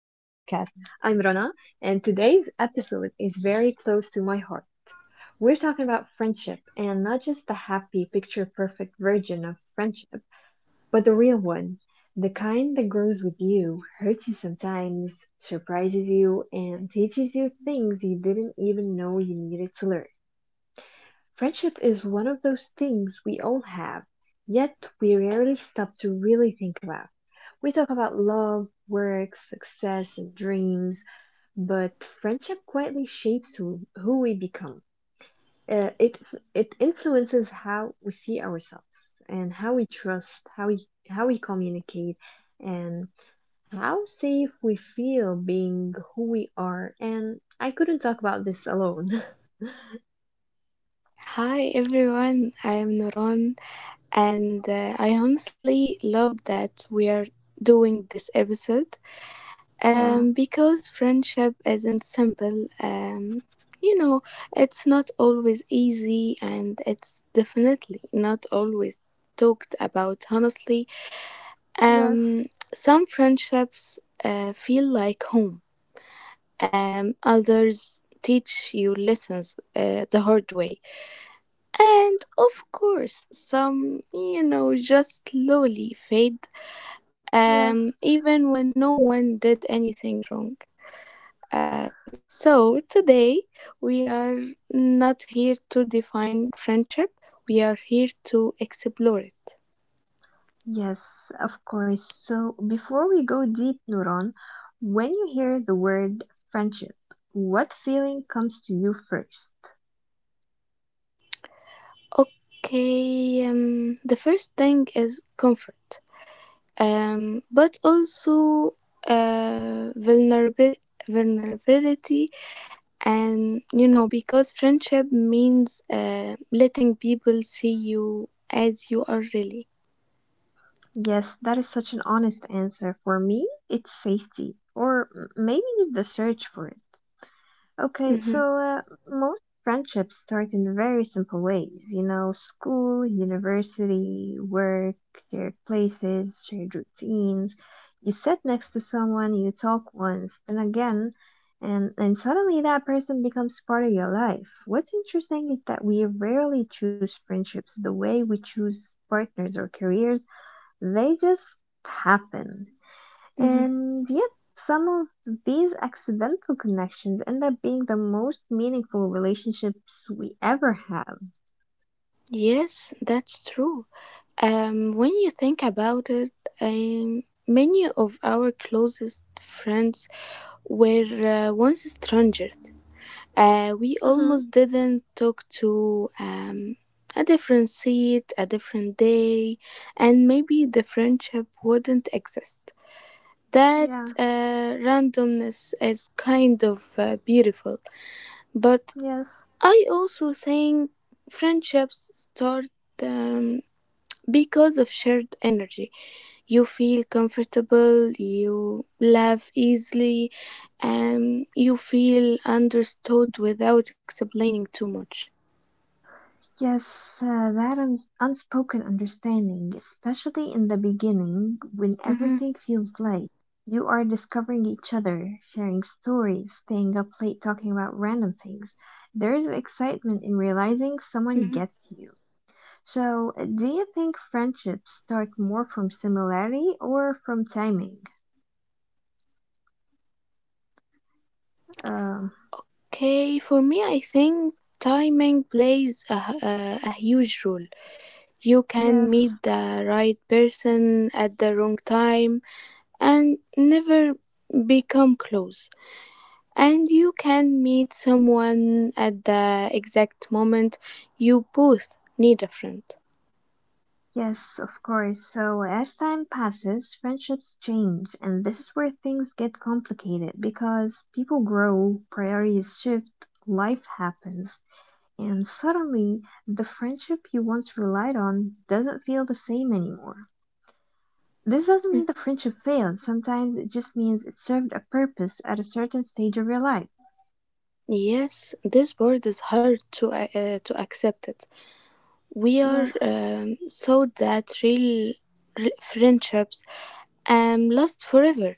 I'm Rana, and today's episode is very close to my heart. We're talking about friendship and not just the happy, picture perfect version of friendship, but the real one. The kind that grows with you, hurts you sometimes, surprises you, and teaches you things you didn't even know you needed to learn. Friendship is one of those things we all have, yet we rarely stop to really think about. We talk about love, work, success, and dreams, but friendship quietly shapes who we become. Uh, it it influences how we see ourselves and how we trust, how we communicate, and how safe we feel being who we are. And I couldn't talk about this alone. Hi everyone, I am Nuran, and I honestly love that we are doing this episode Yeah, because friendship isn't simple. You know, it's not always easy, and it's definitely not always talked about honestly. yes, Um, some friendships feel like home, others teach you lessons the hard way. And of course, some, just slowly fade, yes. even when no one did anything wrong. So today, we are not here to define friendship, we are here to explore it. Yes, of course. So before we go deep, Nuran, when you hear the word friendship, what feeling comes to you first? Okay, the first thing is comfort, but also vulnerabil- vulnerability, and you know because friendship means letting people see you as you are, really. Yes, that is such an honest answer. For me, it's safety, or maybe the search for it. Okay, so hmm most friendships start in very simple ways, you know, school, university, work, shared places, shared routines. You sit next to someone, you talk once, then again, and suddenly that person becomes part of your life. What's interesting is that we rarely choose friendships the way we choose partners or careers, they just happen. hmm And yet, some of these accidental connections end up being the most meaningful relationships we ever have. Yes, that's true. When you think about it, many of our closest friends were once strangers we Mm-hmm. almost didn't talk to. A different seat, a different day, and maybe the friendship wouldn't exist. That Yeah. Randomness is kind of beautiful, but Yes. I also think friendships start um, because of shared energy. You feel comfortable, you laugh easily, and you feel understood without explaining too much. Yes, that unspoken understanding, especially in the beginning when Mm-hmm. everything feels light. You are discovering each other, sharing stories, staying up late talking about random things. There is excitement in realizing someone Mm-hmm. gets you. So, do you think friendships start more from similarity or from timing? Um, Okay, for me, I think timing plays a huge role. You can yes, meet the right person at the wrong time and never become close. And you can meet someone at the exact moment you both need a friend. yes, of course. So, as time passes, friendships change, and this is where things get complicated because people grow, priorities shift, life happens, and suddenly the friendship you once relied on doesn't feel the same anymore. This doesn't mean the friendship failed, sometimes it just means it served a purpose at a certain stage of your life. Yes, this word is hard to accept it. We are Yes. Thought that real friendships last forever.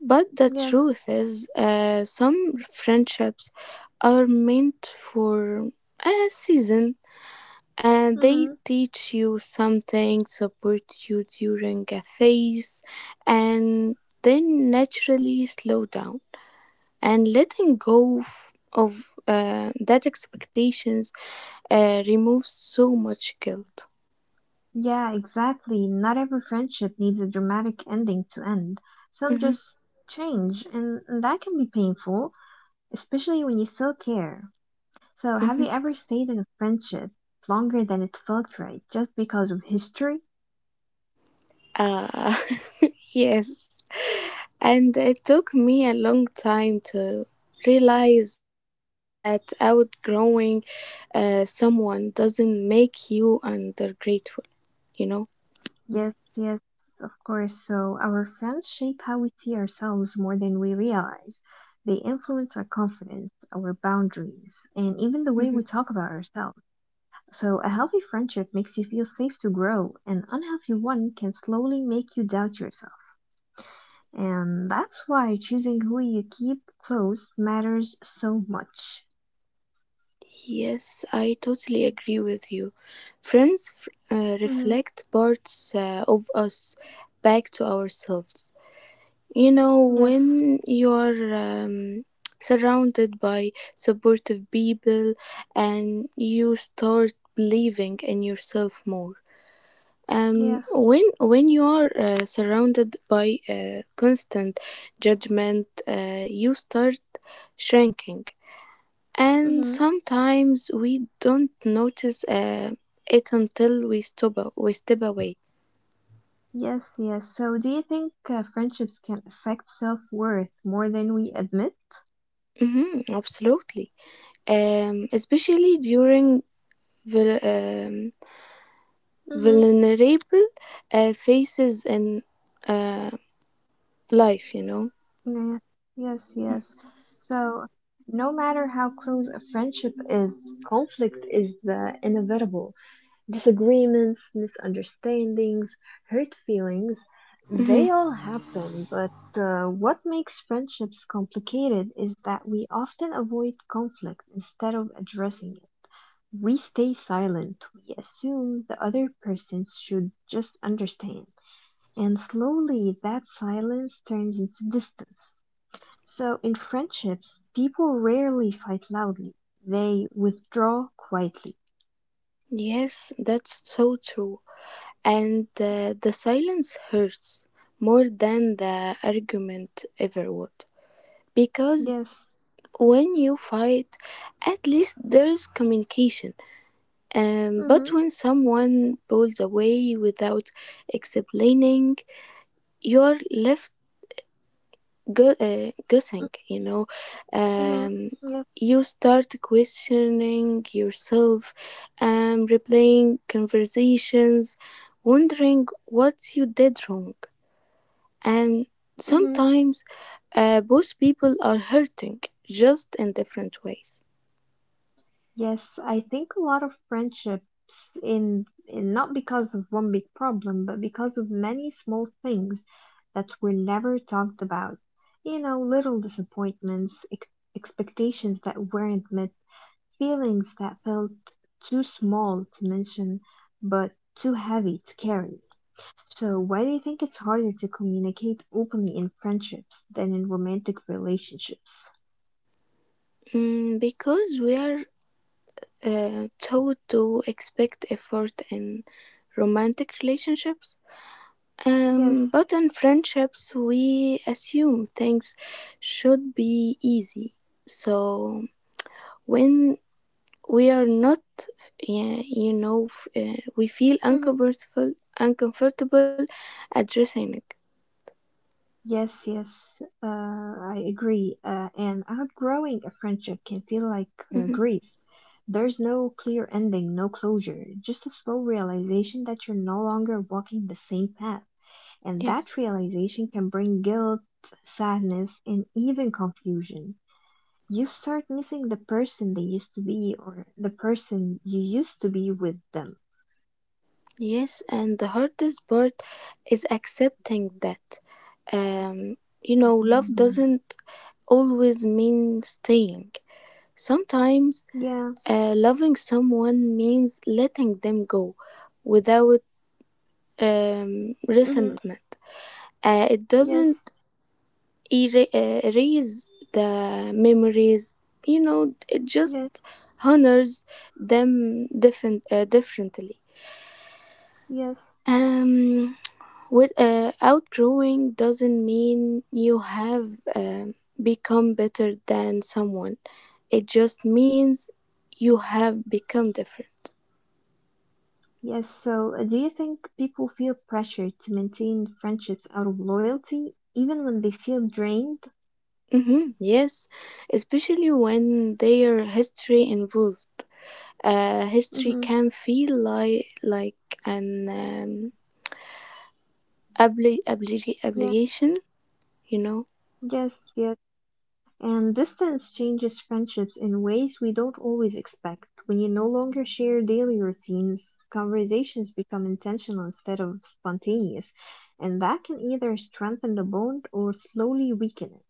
But the Yes. truth is, some friendships are meant for a season, and Mm-hmm. they teach you something, support you during a phase, and then naturally slow down. And letting go of that expectations removes so much guilt. Yeah, exactly. Not every friendship needs a dramatic ending to end. Some Mhm, just change, and that can be painful, especially when you still care. So, have you mhm. ever stayed in a friendship longer than it felt right just because of history? Uh, yes. And it took me a long time to realize that outgrowing someone doesn't make you undergrateful, you know? Yes, yes, of course. So, our friends shape how we see ourselves more than we realize. They influence our confidence, our boundaries, and even the way Mhm. we talk about ourselves. So a healthy friendship makes you feel safe to grow. An unhealthy one can slowly make you doubt yourself. And that's why choosing who you keep close matters so much. Yes, I totally agree with you. Friends Hmm. Reflect parts of us back to ourselves. You know, Yes, when you're surrounded by supportive people, and you start believing in yourself more. Yes. when you are surrounded by constant judgment, you start shrinking, and Hmm. sometimes we don't notice it until we step away. Yes, yes. So do you think friendships can affect self-worth more than we admit? Hmm, absolutely. Um, especially during vul- um, Mm-hmm. vulnerable phases in uh, life, you know. Yeah. Yes, yes. So no matter how close a friendship is, conflict is inevitable. Disagreements, misunderstandings, hurt feelings, Mhm. they all happen, but what makes friendships complicated is that we often avoid conflict instead of addressing it. We stay silent, we assume the other person should just understand, and slowly that silence turns into distance. So, in friendships, people rarely fight loudly, they withdraw quietly. Yes, that's so true. And the silence hurts more than the argument ever would. Because Yes. when you fight, at least there is communication. Mm-hmm. But Mm-hmm. when someone pulls away without explaining, you're left guessing, you know. Mhm. um, Yeah. you start questioning yourself and replaying conversations, wondering what you did wrong, and Mhm. sometimes both people are hurting, just in different ways. Yes, I think a lot of friendships in not because of one big problem, but because of many small things that were never talked about. You know, little disappointments, ex expectations that weren't met, feelings that felt too small to mention, but too heavy to carry. So, why do you think it's harder to communicate openly in friendships than in romantic relationships? Mm, because we are taught to expect effort in romantic relationships. Yes. But in friendships, we assume things should be easy. So when we are not, yeah, you know, we feel uncomfortable addressing it. Yes, yes, I agree. And outgrowing a friendship can feel like Mhm. grief. There's no clear ending, no closure, just a slow realization that you're no longer walking the same path. And Yes, that realization can bring guilt, sadness, and even confusion. You start missing the person they used to be or the person you used to be with them. yes, and the hardest part is accepting that. You know, love doesn't always mean staying. Sometimes Yeah, loving someone means letting them go without mm-hmm. resentment. It Yes, doesn't erase the memories, you know, it yes, just honors them differently. yes. Um, outgrowing doesn't mean you have become better than someone, it just means you have become different. Yes, so do you think people feel pressure to maintain friendships out of loyalty, even when they feel drained? Mhm, yes, especially when their history involved. History Mm-hmm. can feel like an Yeah, obligation, you know. yes, yes. And distance changes friendships in ways we don't always expect. When you no longer share daily routines, conversations become intentional instead of spontaneous, and that can either strengthen the bond or slowly weaken it.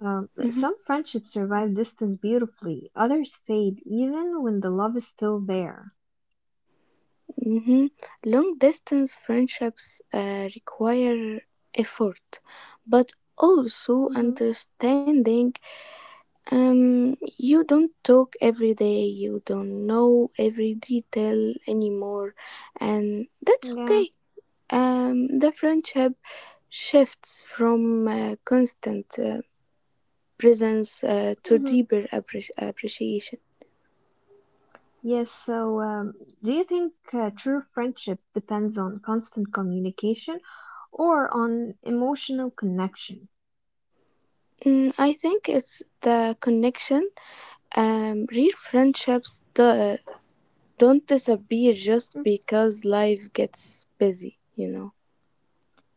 Hmm, Some friendships survive distance beautifully, others fade even when the love is still there. hmm. Long distance friendships require effort, but also Mm-hmm. understanding. You don't talk every day. You don't know every detail anymore, and that's Yeah. okay. The friendship shifts from constant presence to Hmm. deeper appreciation. Yes. So, do you think true friendship depends on constant communication or on emotional connection? Mm, I think it's the connection. Real friendships don't disappear Mm. just because life gets busy, you know.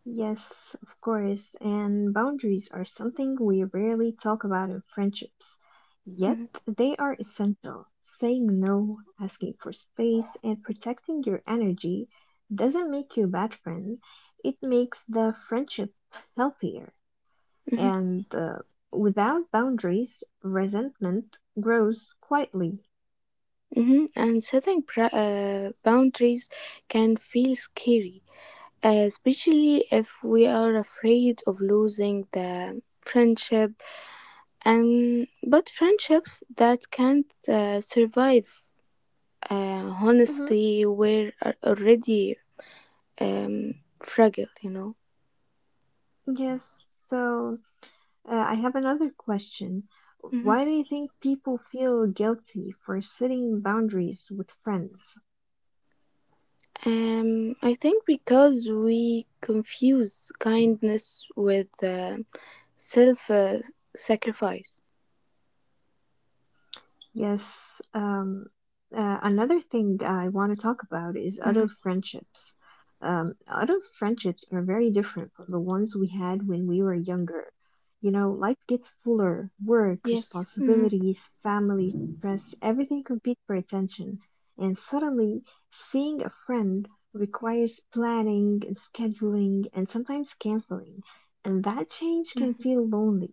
Yes, of course. And boundaries are something we rarely talk about in friendships. Yet, Mhm, they are essential. Saying no, asking for space, and protecting your energy doesn't make you a bad friend. It makes the friendship healthier. mhm, And without boundaries, resentment grows quietly. mhm. And setting boundaries can feel scary, especially if we are afraid of losing the friendship. But friendships that can't survive Hmm. honestly were already um, fragile, you know. Yes, so I have another question. Mhm. Why do you think people feel guilty for setting boundaries with friends? I think because we confuse kindness with self sacrifice. Yes. Another thing I want to talk about is adult Mhm. friendships. Adult friendships are very different from the ones we had when we were younger. You know, life gets fuller, work, Yes. Mhm. responsibilities, family, stress, everything competes for attention. And suddenly, seeing a friend requires planning and scheduling and sometimes canceling. And that change Mhm. can feel lonely,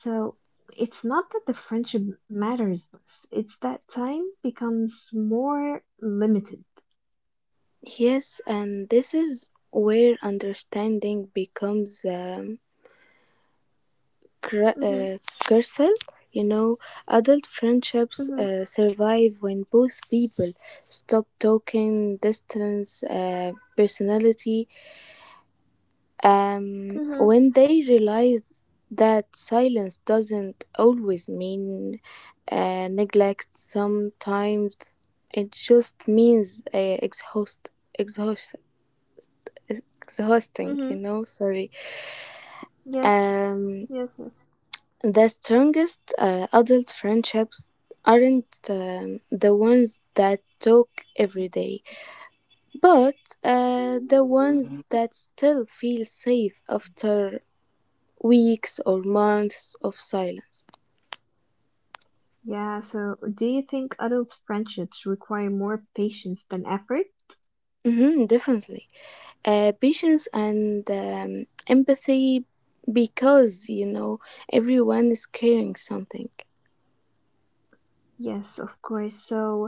so it's not that the friendship matters less, it's that time becomes more limited. Yes, and this is where understanding becomes. Mhm. Gersel, you know, adult Mhm. friendships survive when both people stop talking, distance, personality, Mhm. when they realize that silence doesn't always mean neglect, sometimes it just means Mhm. exhausting, you know, sorry. Yes. Um, Yes. Yes. The strongest adult friendships aren't the ones that talk every day, but the ones that still feel safe after weeks or months of silence. Yeah, so do you think adult friendships require more patience than effort? Hmm, definitely. Patience and empathy, because, you know, everyone is carrying something. Yes, of course. So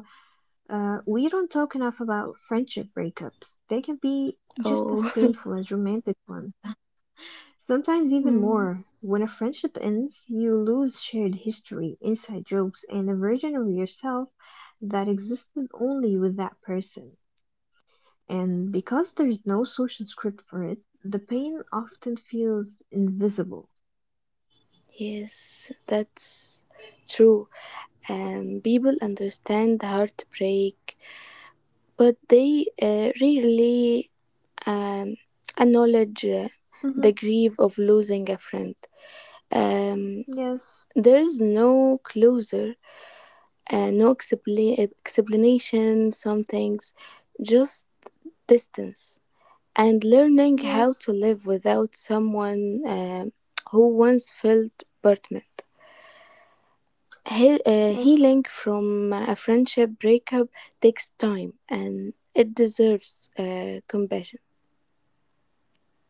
we don't talk enough about friendship breakups. They can be just as Oh, painful as romantic ones. Sometimes even mm, more. When a friendship ends, you lose shared history, inside jokes, and a version of yourself that existed only with that person. And because there is no social script for it, the pain often feels invisible. yes, that's true. People understand heartbreak, but they rarely um, acknowledge Hmm. the grief of losing a friend. Um, Yes, there is no closure, no explanation, some things just distance. And learning how yes, to live without someone who once felt burdened. Yes, Healing from a friendship breakup takes time and it deserves compassion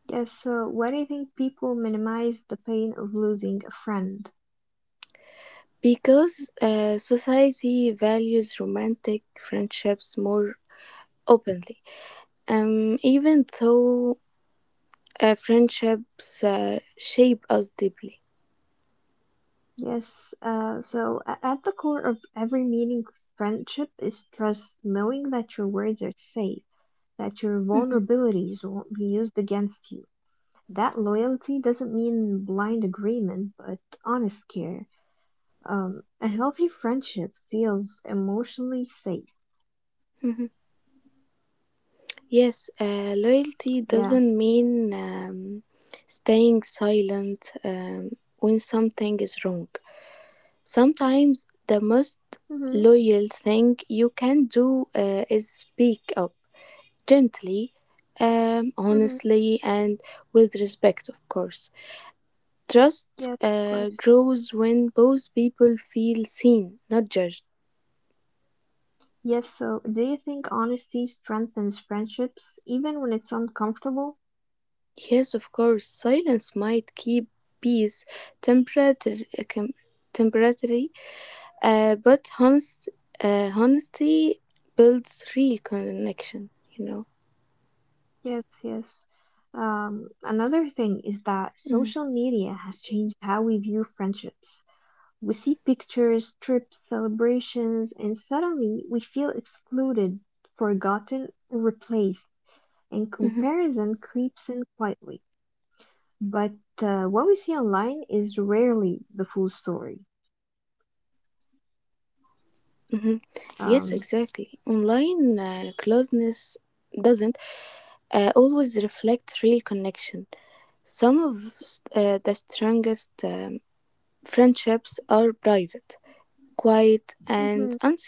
yes. So, why do you think people minimize the pain of losing a friend? because society values romantic friendships more openly. Even though friendships shape us deeply. Yes, so at the core of every meaning friendship is trust, knowing that your words are safe, that your Mhm, vulnerabilities won't be used against you. That loyalty doesn't mean blind agreement, but honest care. A healthy friendship feels emotionally safe. mhm. Yes, Yeah. loyalty doesn't mean staying silent when something is wrong. Sometimes Mhm. the most loyal thing you can do is speak up gently, Mhm. Honestly, and with respect, of course. Yes, of Trust course. Grows when both people feel seen, not judged. Yes, so do you think honesty strengthens friendships even when it's uncomfortable? Yes, of course, silence might keep peace temporarily, temporarily, but honesty builds real connection, you know. Yes, yes. Another thing is that Mm. social media has changed how we view friendships. We see pictures, trips, celebrations, and suddenly we feel excluded, forgotten, or replaced, and Mhm. comparison creeps in quietly. But what we see online is rarely the full story. Hmm. Yes, exactly. Online Um, closeness doesn't always reflect real connection. Some of the strongest friendships are private, mhm, quiet, and unseen.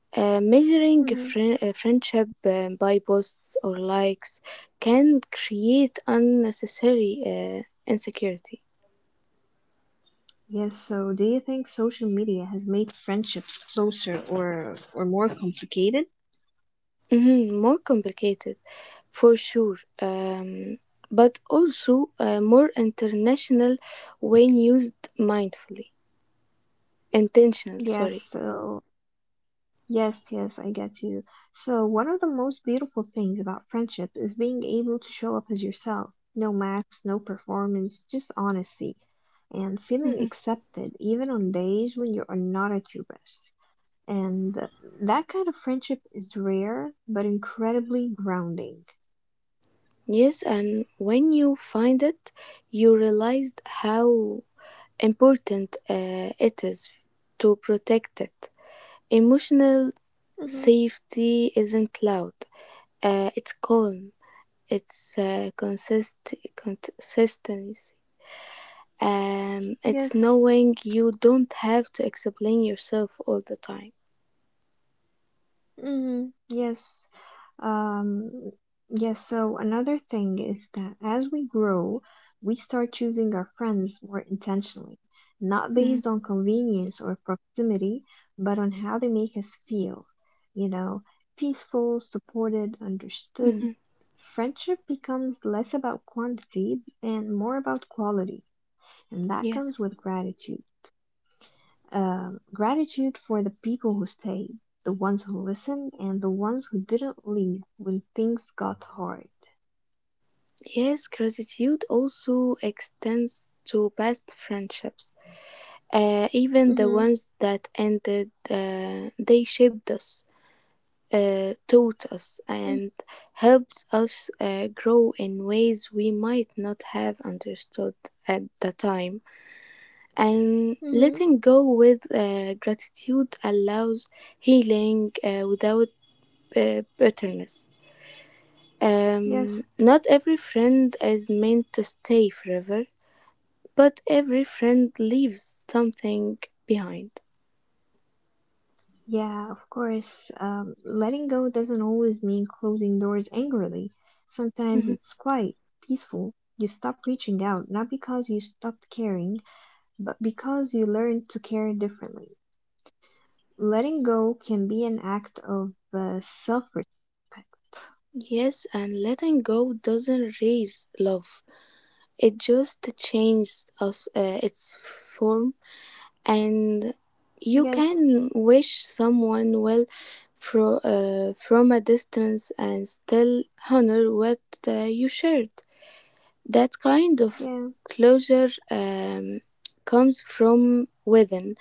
Mhm. Measuring a friendship by posts or likes can create unnecessary insecurity. Yes, so do you think social media has made friendships closer or more complicated? Mhm, more complicated, for sure, um, but also more international when used mindfully, intentional, Yes, sorry. so yes, yes, I get you. So, one of the most beautiful things about friendship is being able to show up as yourself. No masks, no performance, just honesty. And feeling Mhm. accepted, even on days when you are not at your best. And that kind of friendship is rare, but incredibly grounding. Yes, and when you find it, you realize how important it is to protect it. Emotional Hmm. safety isn't loud, it's calm, it's consistent. It's Yes, knowing you don't have to explain yourself all the time. mm, yes. Um, yes, so another thing is that as we grow, we start choosing our friends more intentionally, not Mhm, based on convenience or proximity, but on how they make us feel. You know, peaceful, supported, understood. mhm. Friendship becomes less about quantity and more about quality, and that comes Yes. with gratitude for the people who stayed, the ones who listened, and the ones who didn't leave when things got hard. Yes, gratitude also extends to past friendships. Even the Mm. ones that ended, they shaped us, taught us, Mhm. Mm. and helped us grow in ways we might not have understood at the time. And Mhm. letting go with gratitude allows healing without bitterness. Yes. Not every friend is meant to stay forever, but every friend leaves something behind. Yeah, of course. Letting go doesn't always mean closing doors angrily. Sometimes Mhm. it's quiet, peaceful. You stop reaching out, not because you stopped caring, but because you learned to care differently. Letting go can be an act of self respect. Yes, and letting go doesn't erase love, it just changes us, its form, and you Yes. can wish someone well from a distance and still honor what you shared. That kind of Yeah. closure comes from within,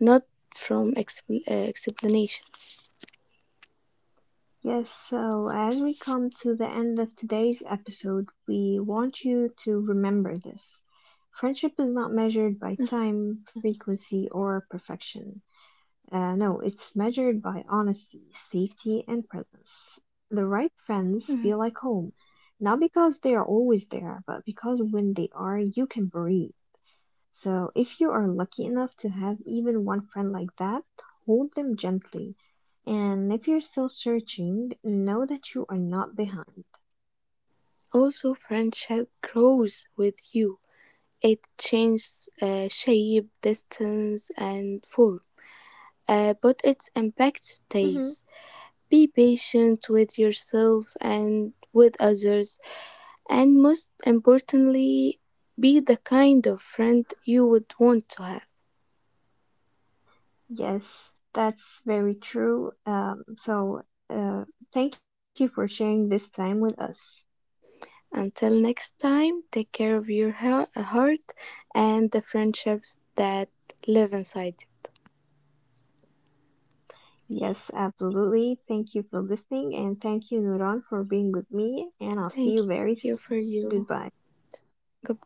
not from explanations. Yes, so as we come to the end of today's episode, we want you to remember this. Friendship is not measured Mhm. by time, frequency, or perfection. No, it's measured by honesty, safety, and presence. The right friends Mhm. feel like home, not because they are always there, but because when they are, you can breathe. So, if you are lucky enough to have even one friend like that, hold them gently. And if you're still searching, know that you are not behind. Also, friendship grows with you. It changes shape, distance, and form, but its Hmm. impact stays. Be patient with yourself and with others, and most importantly, be the kind of friend you would want to have. Yes, that's very true. So, uh, thank you for sharing this time with us. Until next time, take care of your heart and the friendships that live inside it. Yes, absolutely. Thank you for listening, and thank you, Nuran, for being with me. And I'll see you Thank you very for soon. you. Goodbye. Goodbye.